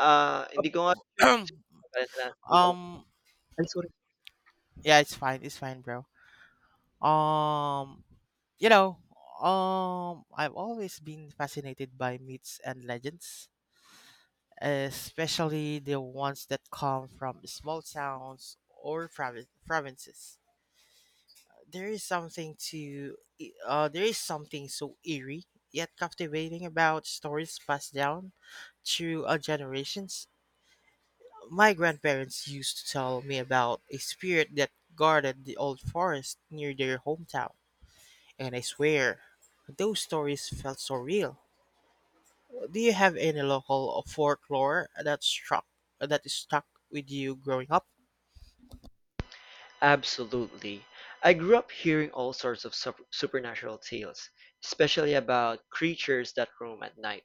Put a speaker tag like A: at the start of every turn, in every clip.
A: Ah, hindi ko nga sure.
B: um
A: Ay, sorry.
B: yeah, it's fine, it's fine, bro. um you know I've always been fascinated by myths and legends, especially the ones that come from small towns or provinces. There is something there is something so eerie yet captivating about stories passed down through generations. My grandparents used to tell me about a spirit that guarded the old forest near their hometown, and I swear, those stories felt so real. Do you have any local folklore that struck that stuck with you growing up?
A: Absolutely. I grew up hearing all sorts of supernatural tales, especially about creatures that roam at night.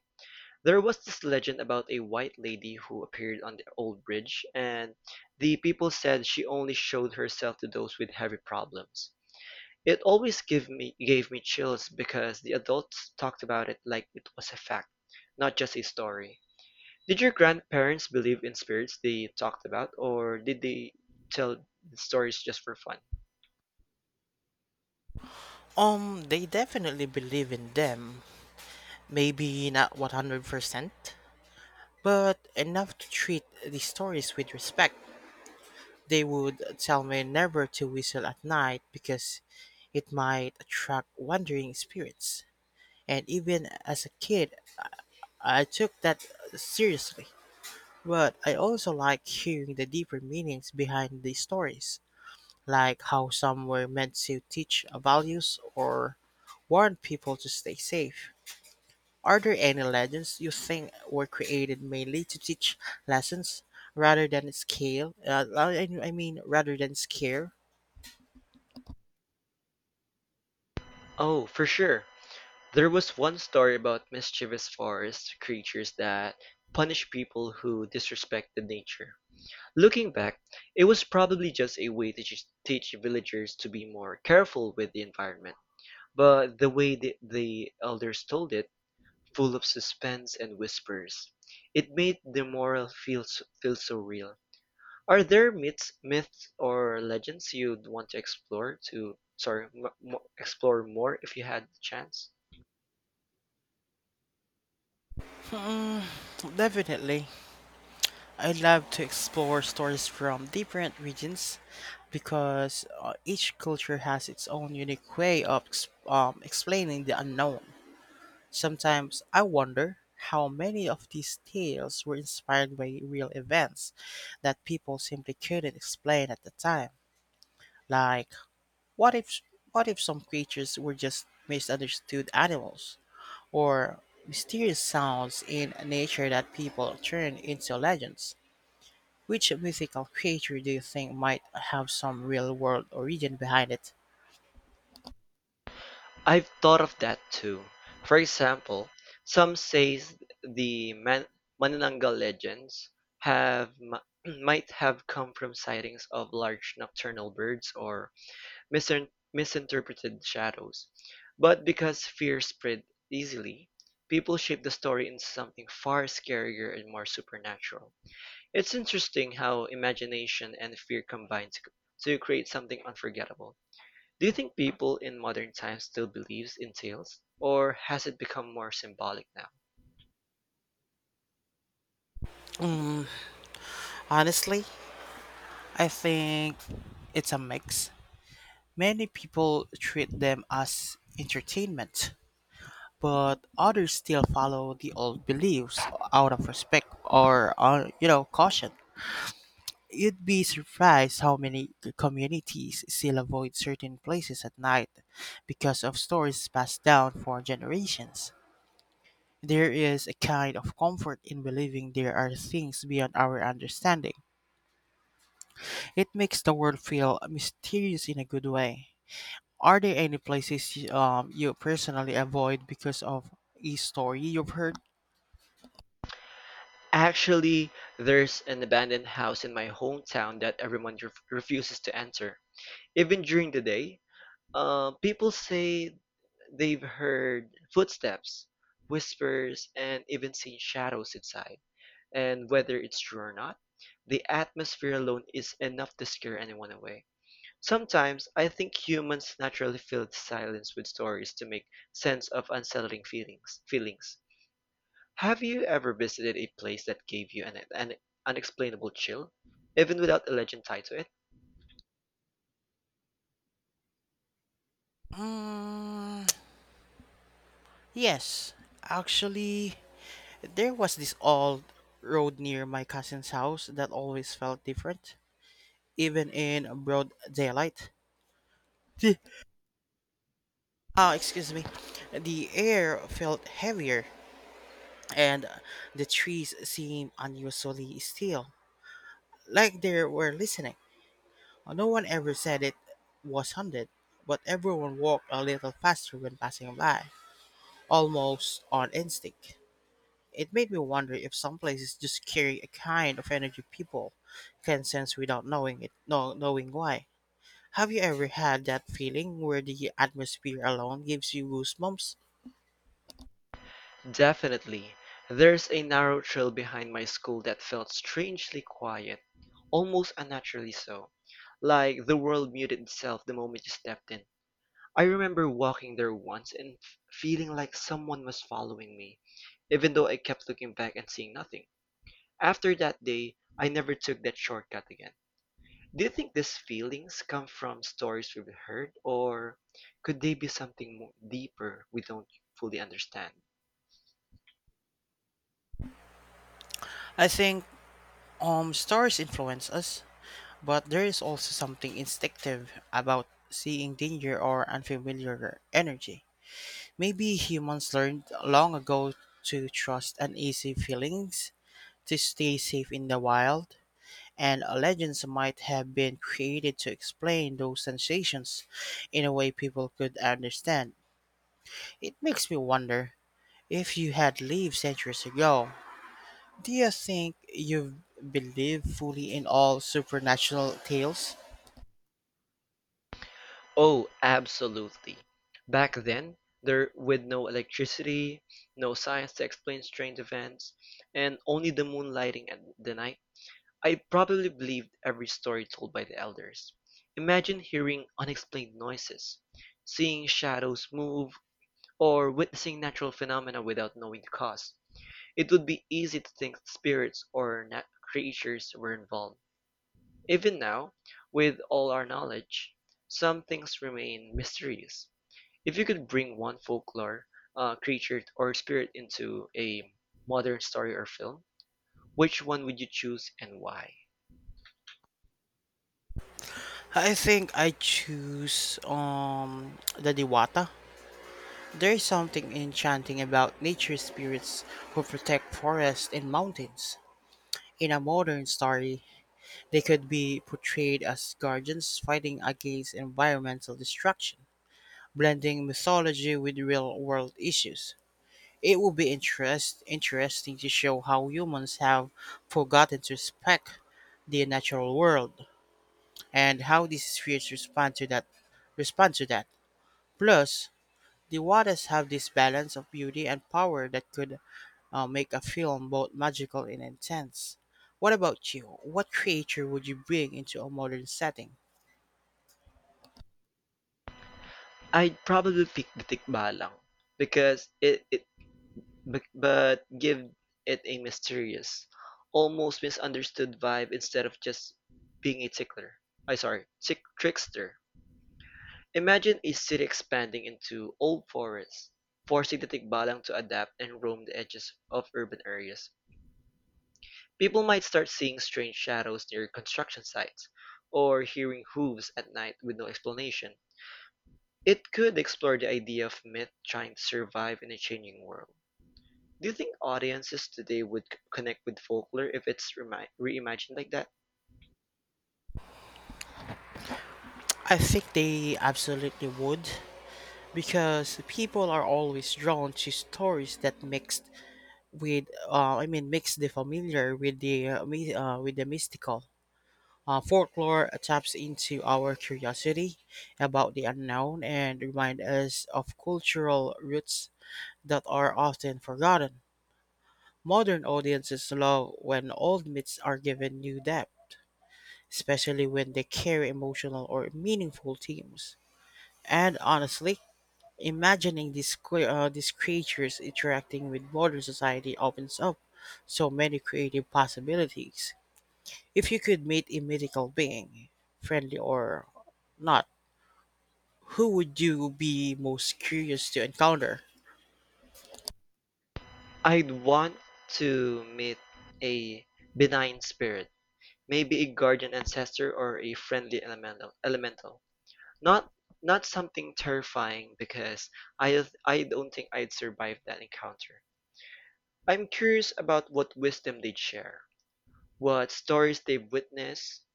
A: There was this legend about a white lady who appeared on the old bridge, and the people said she only showed herself to those with heavy problems. It always gave me chills because the adults talked about it like it was a fact, not just a story. Did your grandparents believe in spirits they talked about, or did they tell stories just for fun?
B: They definitely believe in them. Maybe not 100%, but enough to treat the stories with respect. They would tell me never to whistle at night because it might attract wandering spirits. And even as a kid, I took that seriously. But I also like hearing the deeper meanings behind these stories, like how some were meant to teach values or warn people to stay safe. Are there any legends you think were created mainly to teach lessons rather than scare?
A: Oh, for sure. There was one story about mischievous forest creatures that punish people who disrespected nature. Looking back, it was probably just a way to just teach villagers to be more careful with the environment. But the way the elders told it, full of suspense and whispers, it made the moral feel so real. Are there myths or legends you'd want to explore to sorry, m- m- explore more if you had the chance?
B: Mm, definitely. I love to explore stories from different regions because each culture has its own unique way of explaining the unknown. Sometimes I wonder how many of these tales were inspired by real events that people simply couldn't explain at the time. Like, what if what if some creatures were just misunderstood animals or mysterious sounds in nature that people turn into legends? Which mythical creature do you think might have some real world origin behind it?
A: I've thought of that too. For example, some say the Manananggal legends have m- might have come from sightings of large nocturnal birds or misinterpreted shadows. But because fear spread easily, people shape the story into something far scarier and more supernatural. It's interesting how imagination and fear combine to create something unforgettable. Do you think people in modern times still believes in tales, or has it become more symbolic now?
B: Honestly, I think it's a mix. Many people treat them as entertainment, but others still follow the old beliefs out of respect or, you know, caution. You'd be surprised how many communities still avoid certain places at night because of stories passed down for generations. There is a kind of comfort in believing there are things beyond our understanding. It makes the world feel mysterious in a good way. Are there any places you personally avoid because of a story you've heard?
A: Actually, there's an abandoned house in my hometown that everyone refuses to enter. Even during the day, people say they've heard footsteps, whispers, and even seen shadows inside. And whether it's true or not, the atmosphere alone is enough to scare anyone away. Sometimes I think humans naturally fill the silence with stories to make sense of unsettling feelings. Have you ever visited a place that gave you an unexplainable chill, even without a legend tied to it?
B: Mm, yes, actually, there was this old road near my cousin's house that always felt different, even in broad daylight. Ah, excuse me. The air felt heavier, and the trees seemed unusually still, like they were listening. No one ever said it was haunted, but everyone walked a little faster when passing by, almost on instinct. It made me wonder if some places just carry a kind of energy people can sense without knowing it, no, knowing why. Have you ever had that feeling where the atmosphere alone gives you goosebumps?
A: Definitely. There's a narrow trail behind my school that felt strangely quiet, almost unnaturally so, like the world muted itself the moment you stepped in. I remember walking there once and feeling like someone was following me, even though I kept looking back and seeing nothing. After that day, I never took that shortcut again. Do you think these feelings come from stories we've heard, or could they be something more deeper we don't fully understand?
B: I think stars influence us. But there is also something instinctive about seeing danger or unfamiliar energy. Maybe humans learned long ago to trust uneasy feelings, to stay safe in the wild, and legends might have been created to explain those sensations in a way people could understand. It makes me wonder, if you had lived centuries ago, do you think you've believed fully in all supernatural tales?
A: Oh, absolutely. Back then, there with no electricity, no science to explain strange events, and only the moonlighting at the night, I probably believed every story told by the elders. Imagine hearing unexplained noises, seeing shadows move, or witnessing natural phenomena without knowing the cause. It would be easy to think that spirits or creatures were involved. Even now, with all our knowledge, some things remain mysterious. If you could bring one folklore, creature, or spirit into a modern story or film, which one would you choose and why?
B: I think I choose the Diwata. There is something enchanting about nature spirits who protect forests and mountains. In a modern story, they could be portrayed as guardians fighting against environmental destruction, blending mythology with real world issues. It would be interesting to show how humans have forgotten to respect the natural world and how these spirits respond to that. Plus, the Wadas have this balance of beauty and power that could make a film both magical and intense. What about you? What creature would you bring into a modern setting?
A: I'd probably pick the Tikbalang because it but give it a mysterious, almost misunderstood vibe instead of just being a tickler. I sorry, tick trickster. Imagine a city expanding into old forests, forcing the tigbalang to adapt and roam the edges of urban areas. People might start seeing strange shadows near construction sites, or hearing hooves at night with no explanation. It could explore the idea of myth trying to survive in a changing world. Do you think audiences today would connect with folklore if it's reimagined like that?
B: I think they absolutely would because people are always drawn to stories that mixed with I mean mix the familiar with the with the mystical. Folklore taps into our curiosity about the unknown and remind us of cultural roots that are often forgotten. Modern audiences love when old myths are given new depth, especially when they carry emotional or meaningful themes. And honestly, imagining these creatures interacting with modern society opens up so many creative possibilities. If you could meet a mythical being, friendly or not, who would you be most curious to encounter?
A: I'd want to meet a benign spirit. Maybe a guardian ancestor or a friendly elemental, not not something terrifying because I I don't think I'd survive that encounter. I'm curious about what wisdom they'd share, what stories they've witnessed,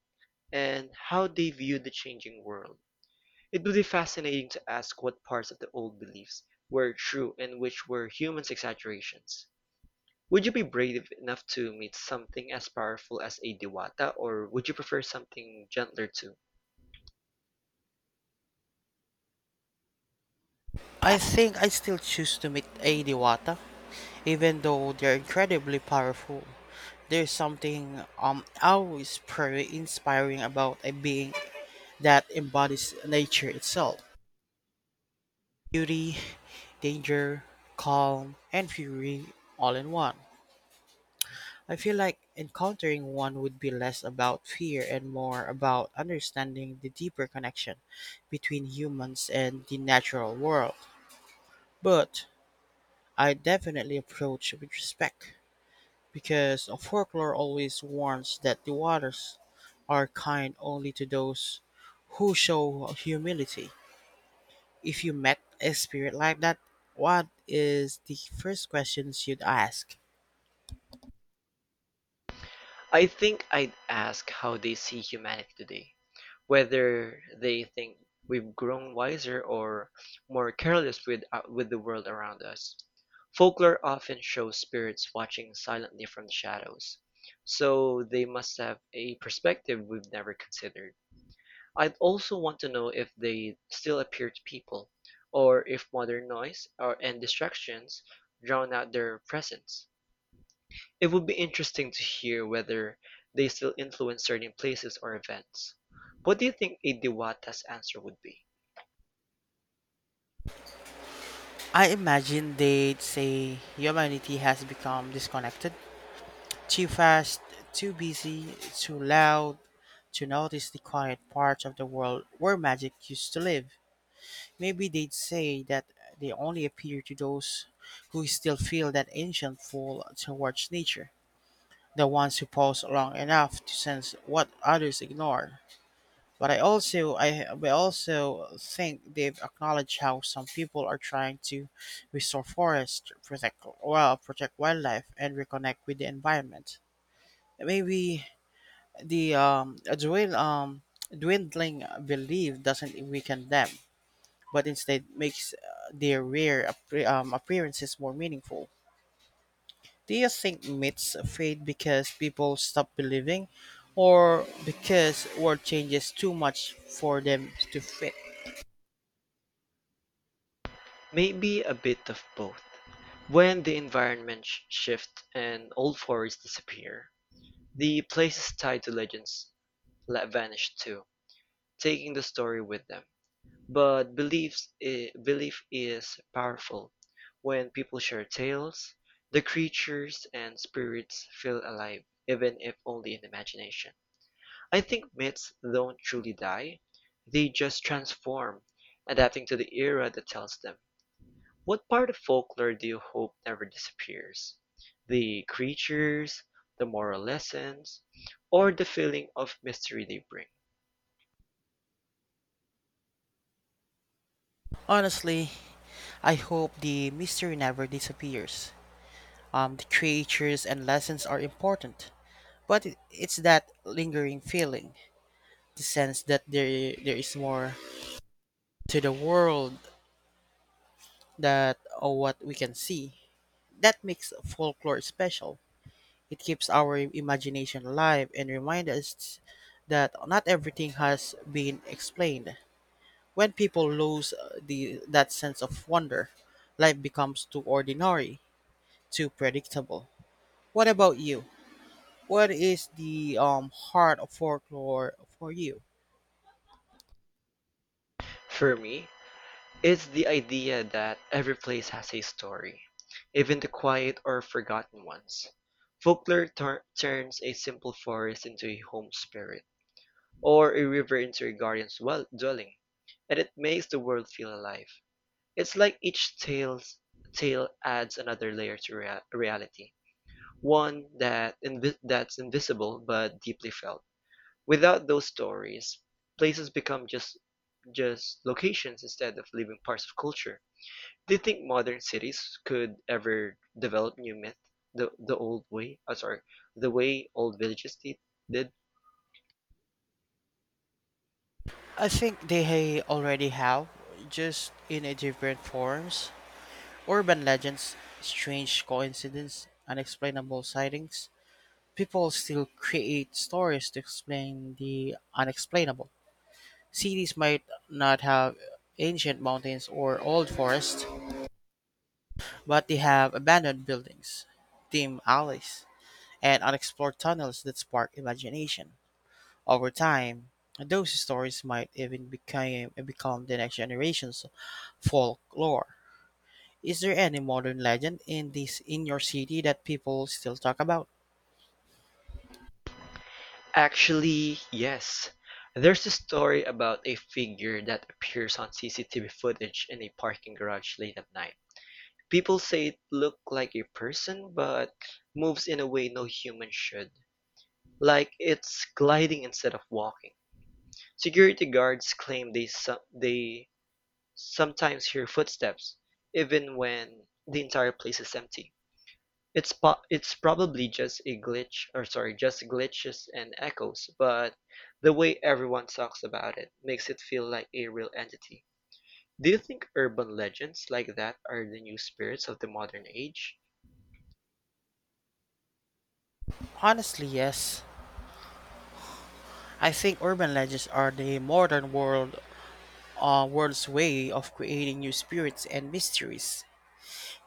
A: and how they view the changing world. It would be fascinating to ask what parts of the old beliefs were true and which were humans' exaggerations. Would you be brave enough to meet something as powerful as a Diwata, or would you prefer something gentler too?
B: I think I still choose to meet a Diwata, even though they're incredibly powerful. There's something always pretty inspiring about a being that embodies nature itself. Beauty, danger, calm, and fury all in one. I feel like encountering one would be less about fear and more about understanding the deeper connection between humans and the natural world. But I definitely approach with respect because folklore always warns that the waters are kind only to those who show humility. If you met a spirit like that, what is the first questions you'd ask?
A: I think I'd ask how they see humanity today, whether they think we've grown wiser or more careless with the world around us. Folklore often shows spirits watching silently from the shadows, so they must have a perspective we've never considered. I'd also want to know if they still appear to people, or if modern noise or, and distractions drown out their presence. It would be interesting to hear whether they still influence certain places or events. What do you think a Diwata's answer would be?
B: I imagine they'd say humanity has become disconnected, too fast, too busy, too loud, to notice the quiet parts of the world where magic used to live. Maybe they'd say that they only appear to those who still feel that ancient pull towards nature, the ones who pause long enough to sense what others ignore. But I also think they've acknowledged how some people are trying to restore forests, protect wildlife, and reconnect with the environment. Maybe the dwindling belief doesn't weaken them but instead makes their rare appearances more meaningful. Do you think myths fade because people stop believing, or because world changes too much for them to fit?
A: Maybe a bit of both. When the environment shifts and old forests disappear, the places tied to legends vanish too, taking the story with them. But belief is powerful. When people share tales, the creatures and spirits feel alive, even if only in imagination. I think myths don't truly die. They just transform, adapting to the era that tells them. What part of folklore do you hope never disappears? The creatures, the moral lessons, or the feeling of mystery they bring?
B: Honestly, I hope the mystery never disappears. The creatures and lessons are important, but it's that lingering feeling, the sense that there is more to the world that or what we can see. That makes folklore special. It keeps our imagination alive and reminds us that not everything has been explained. When people lose that sense of wonder, life becomes too ordinary, too predictable. What about you? What is the heart of folklore for you?
A: For me, it's the idea that every place has a story, even the quiet or forgotten ones. Folklore turns a simple forest into a home spirit, or a river into a guardian's well dwelling, and it makes the world feel alive. It's like each tale adds another layer to reality, one that that's invisible but deeply felt. Without those stories, places become just locations instead of living parts of culture. Do you think modern cities could ever develop new myth the old way? The way old villages did?
B: I think they already have, just in a different forms. Urban legends, strange coincidence, unexplainable sightings, people still create stories to explain the unexplainable. Cities might not have ancient mountains or old forests, but they have abandoned buildings, dim alleys, and unexplored tunnels that spark imagination. Over time, those stories might even become the next generation's folklore. Is there any modern legend in this in your city that people still talk about?
A: Actually, yes. There's a story about a figure that appears on CCTV footage in a parking garage late at night. People say it looked like a person but moves in a way no human should, like it's gliding instead of walking. Security guards claim they sometimes hear footsteps even when the entire place is empty. It's probably just a glitch, just glitches and echoes, but the way everyone talks about it makes it feel like a real entity. Do you think urban legends like that are the new spirits of the modern age?
B: Honestly, yes. I think urban legends are the modern world's way of creating new spirits and mysteries.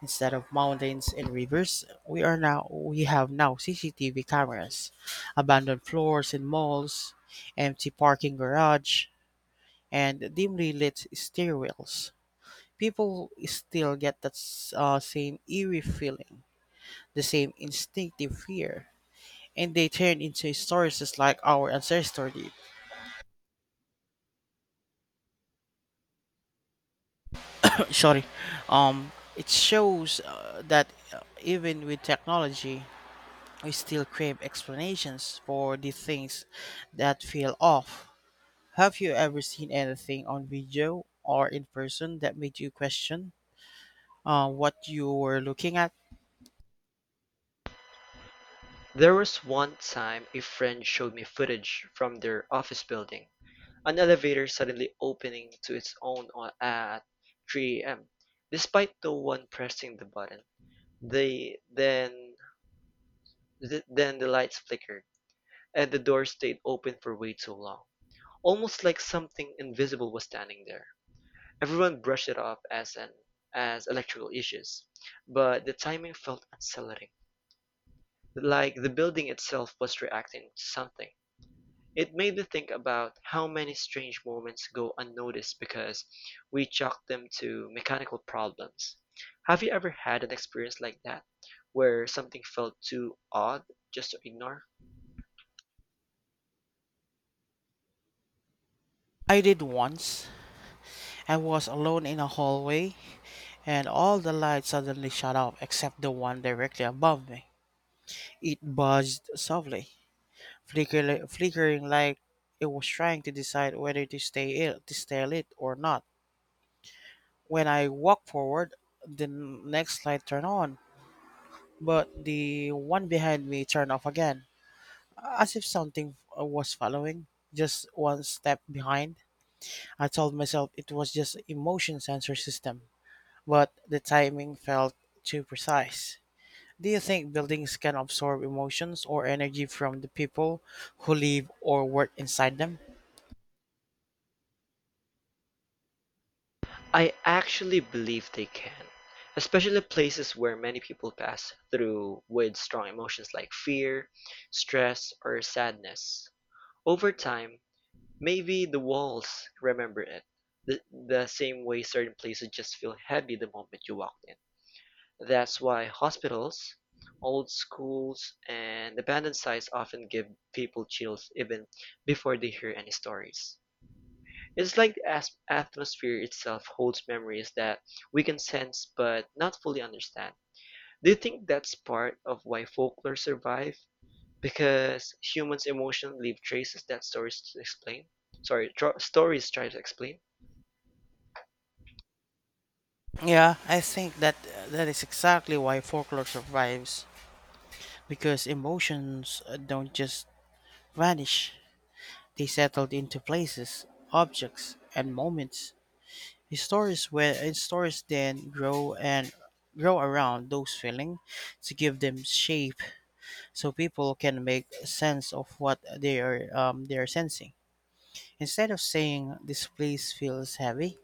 B: Instead of mountains and rivers, we have now CCTV cameras, abandoned floors in malls, empty parking garage, and dimly lit stairwells. People still get that same eerie feeling, the same instinctive fear, and they turn into stories just like our ancestors did. Sorry. um it shows that even with technology we still crave explanations for the things that feel off. Have you ever seen anything on video or in person that made you question what you were looking at?
A: There was one time a friend showed me footage from their office building, an elevator suddenly opening to its own at 3 a.m., despite no one pressing the button. They then then the lights flickered, and the door stayed open for way too long, almost like something invisible was standing there. Everyone brushed it off as electrical issues, but the timing felt unsettling, like the building itself was reacting to something. It made me think about how many strange moments go unnoticed because we chalk them to mechanical problems. Have you ever had an experience like that, where something felt too odd just to ignore?
B: I did once. I was alone in a hallway, and all the lights suddenly shut off except the one directly above me. It buzzed softly, flickering like it was trying to decide whether to stay ill, to stay lit or not. When I walked forward, the next light turned on, but the one behind me turned off again, as if something was following. Just one step behind. I told myself it was just emotion sensor system, but the timing felt too precise. Do you think buildings can absorb emotions or energy from the people who live or work inside them?
A: I actually believe they can, especially places where many people pass through with strong emotions like fear, stress, or sadness. Over time, maybe the walls remember it, the same way certain places just feel heavy the moment you walk in. That's why hospitals, old schools, and abandoned sites often give people chills even before they hear any stories. It's like the atmosphere itself holds memories that we can sense but not fully understand. Do you think that's part of why folklore survive? Because humans' emotions leave traces that stories to explain. Stories try to explain.
B: Yeah, I think that is exactly why folklore survives because emotions don't just vanish. They settled into places, objects, and moments. In stories then grow around those feelings to give them shape, so people can make sense of what they are sensing. Instead of saying this place feels heavy,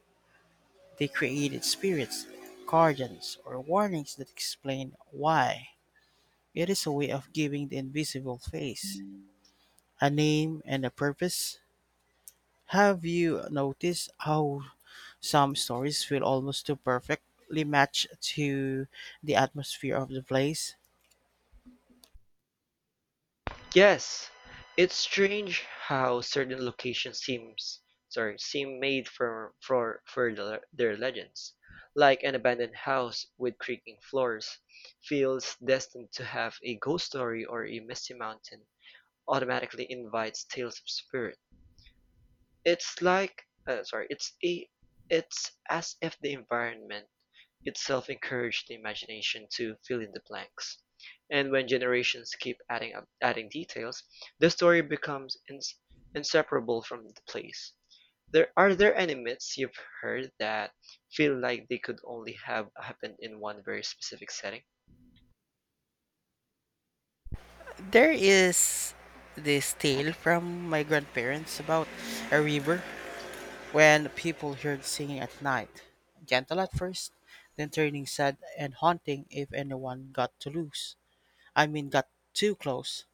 B: they created spirits, guardians, or warnings that explain why. It is a way of giving the invisible face a name and a purpose. Have you noticed how some stories feel almost too perfectly matched to the atmosphere of the place?
A: Yes, it's strange how certain locations seems sorry seem made for their legends, like an abandoned house with creaking floors, feels destined to have a ghost story or a misty mountain. Automatically invites tales of spirit. It's like sorry, it's a It's as if the environment itself encourage the imagination to fill in the blanks. And when generations keep adding details, the story becomes inseparable from the place. There are there any myths you've heard that feel like they could only have happened in one very specific setting?
B: There is this tale from my grandparents about a river when people heard singing at night, gentle at first, then turning sad and haunting if anyone got to loose. I mean, got too close.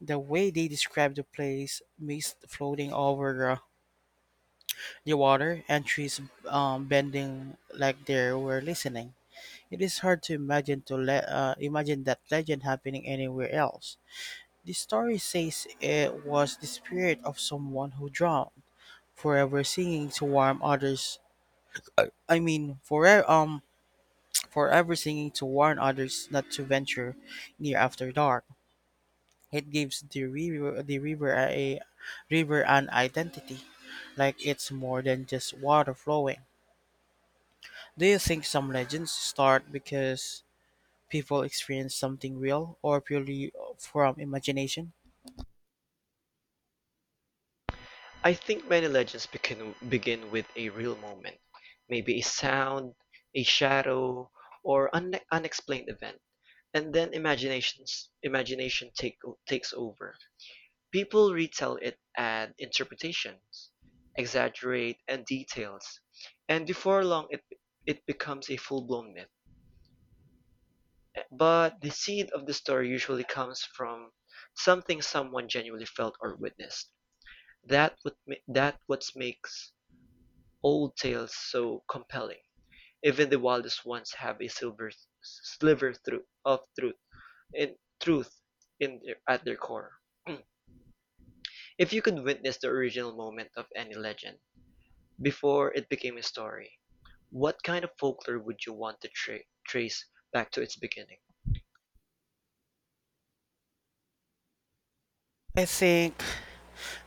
B: The way they describe the place, mist floating over the water and trees bending like they were listening. It is hard to imagine that legend happening anywhere else. The story says it was the spirit of someone who drowned, forever singing to warn others. I mean, forever forever singing to warn others not to venture near after dark. It gives the river an identity, like it's more than just water flowing. Do you think some legends start because people experience something real or purely from imagination?
A: I think many legends begin with a real moment, maybe a sound, a shadow, or an unexplained event, and then imagination takes over. People retell it and interpretations, exaggerate and details, and before it becomes a full-blown myth. But the seed of the story usually comes from something someone genuinely felt or witnessed. That what that what makes old tales so compelling. Even the wildest ones have a silver sliver through, of truth in truth in at their core. If you could witness the original moment of any legend, before it became a story, what kind of folklore would you want to trace back to its beginning?
B: I think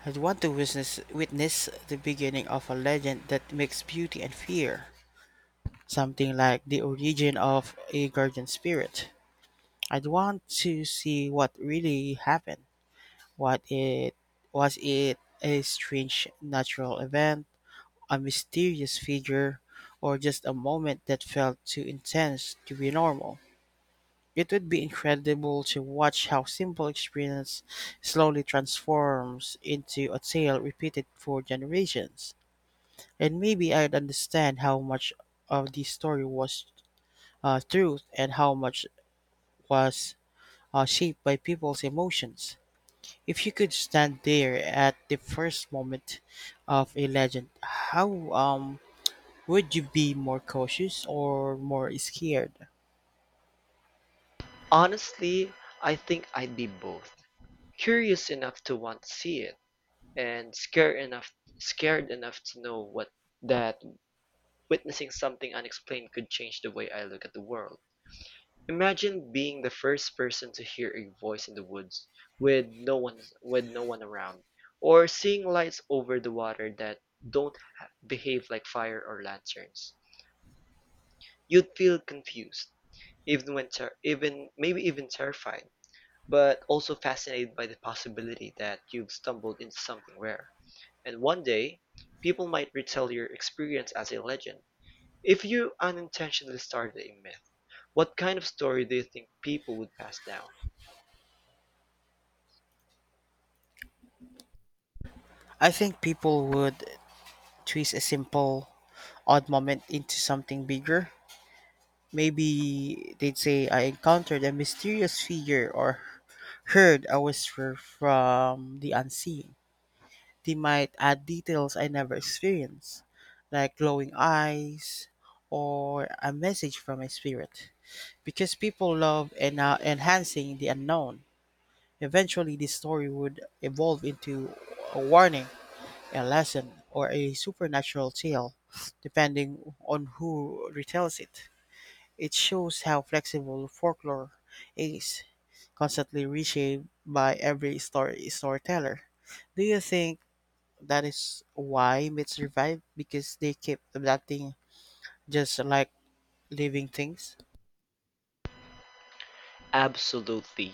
B: I'd want to witness the beginning of a legend that makes beauty and fear, something like the origin of a guardian spirit. I'd want to see what really happened. What it Was it a strange natural event, a mysterious figure, or just a moment that felt too intense to be normal? It would be incredible to watch how simple experience slowly transforms into a tale repeated for generations. And maybe I'd understand how much of the story was truth and how much was shaped by people's emotions. If you could stand there at the first moment of a legend, how would you be more cautious or more scared?
A: Honestly, I think I'd be both. Curious enough to want to see it and scared enough to know what that witnessing something unexplained could change the way I look at the world. Imagine being the first person to hear a voice in the woods with no one around or seeing lights over the water that don't behave like fire or lanterns. You'd feel confused, even when ter- even maybe even terrified, but also fascinated by the possibility that you've stumbled into something rare. And one day, people might retell your experience as a legend. If you unintentionally started a myth, what kind of story do you think people would pass down?
B: I think people would twist a simple odd moment into something bigger. Maybe they'd say I encountered a mysterious figure or heard a whisper from the unseen. They might add details I never experienced, like glowing eyes or a message from a spirit. Because people love and enhancing the unknown, eventually this story would evolve into a warning, a lesson, or a supernatural tale, depending on who retells it. It shows how flexible folklore is, constantly reshaped by every storyteller. Do you think that is why myths survive? Because they keep adapting just like living things?
A: Absolutely.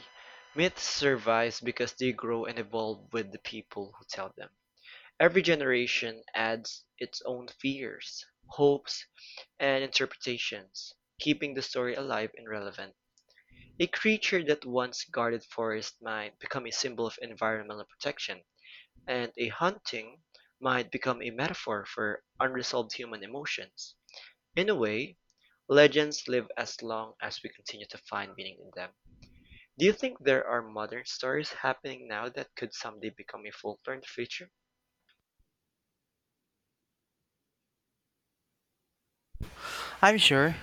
A: Myths survive because they grow and evolve with the people who tell them. Every generation adds its own fears, hopes, and interpretations, keeping the story alive and relevant. A creature that once guarded forests might become a symbol of environmental protection, and a haunting might become a metaphor for unresolved human emotions. In a way, legends live as long as we continue to find meaning in them. Do you think there are modern stories happening now that could someday become a folklore in the future?
B: I'm sure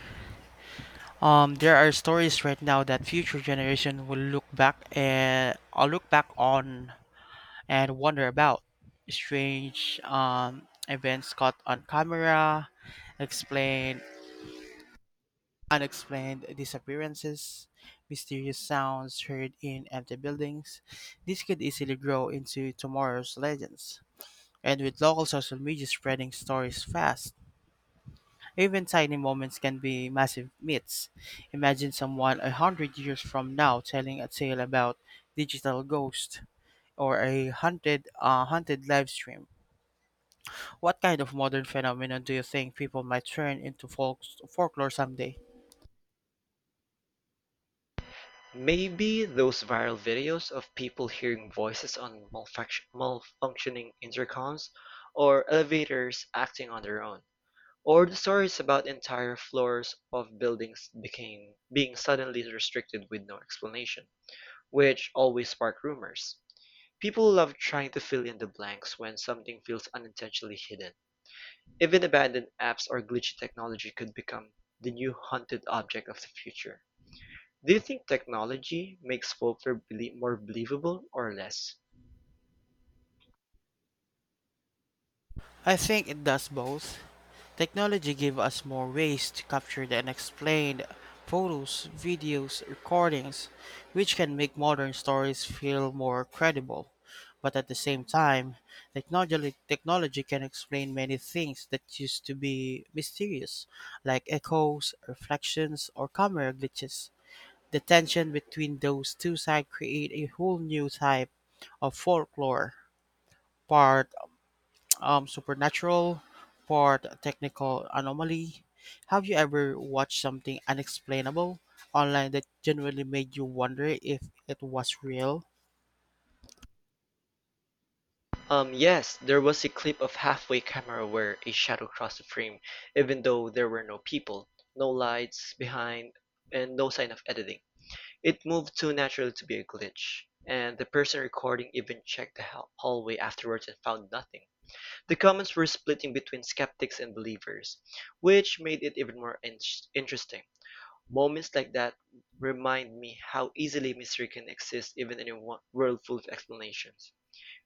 B: There are stories right now that future generation will look back on and wonder about strange events caught on camera, explained unexplained disappearances, mysterious sounds heard in empty buildings. This could easily grow into tomorrow's legends. And with local social media spreading stories fast, even tiny moments can be massive myths. Imagine someone 100 years from now telling a tale about digital ghosts or a haunted live stream. What kind of modern phenomenon do you think people might turn into folklore someday?
A: Maybe those viral videos of people hearing voices on malfunctioning intercoms, or elevators acting on their own, or the stories about entire floors of buildings became being suddenly restricted with no explanation, which always spark rumors. People love trying to fill in the blanks when something feels unintentionally hidden. Even abandoned apps or glitchy technology could become the new haunted object of the future. Do you think technology makes folklore more believable or less?
B: I think it does both. Technology gives us more ways to capture the unexplained photos, videos, recordings, which can make modern stories feel more credible. But at the same time, technology can explain many things that used to be mysterious, like echoes, reflections, or camera glitches. The tension between those two sides create a whole new type of folklore, part supernatural, part technical anomaly. Have you ever watched something unexplainable online that genuinely made you wonder if it was real?
A: Yes, there was a clip of halfway camera where a shadow crossed the frame, even though there were no people, no lights behind, and no sign of editing. It moved too naturally to be a glitch, and the person recording even checked the hallway afterwards and found nothing. The comments were splitting between skeptics and believers, which made it even more interesting. Moments like that remind me how easily mystery can exist even in a world full of explanations.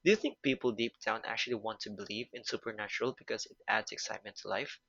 A: Do you think people deep down actually want to believe in supernatural because it adds excitement to life?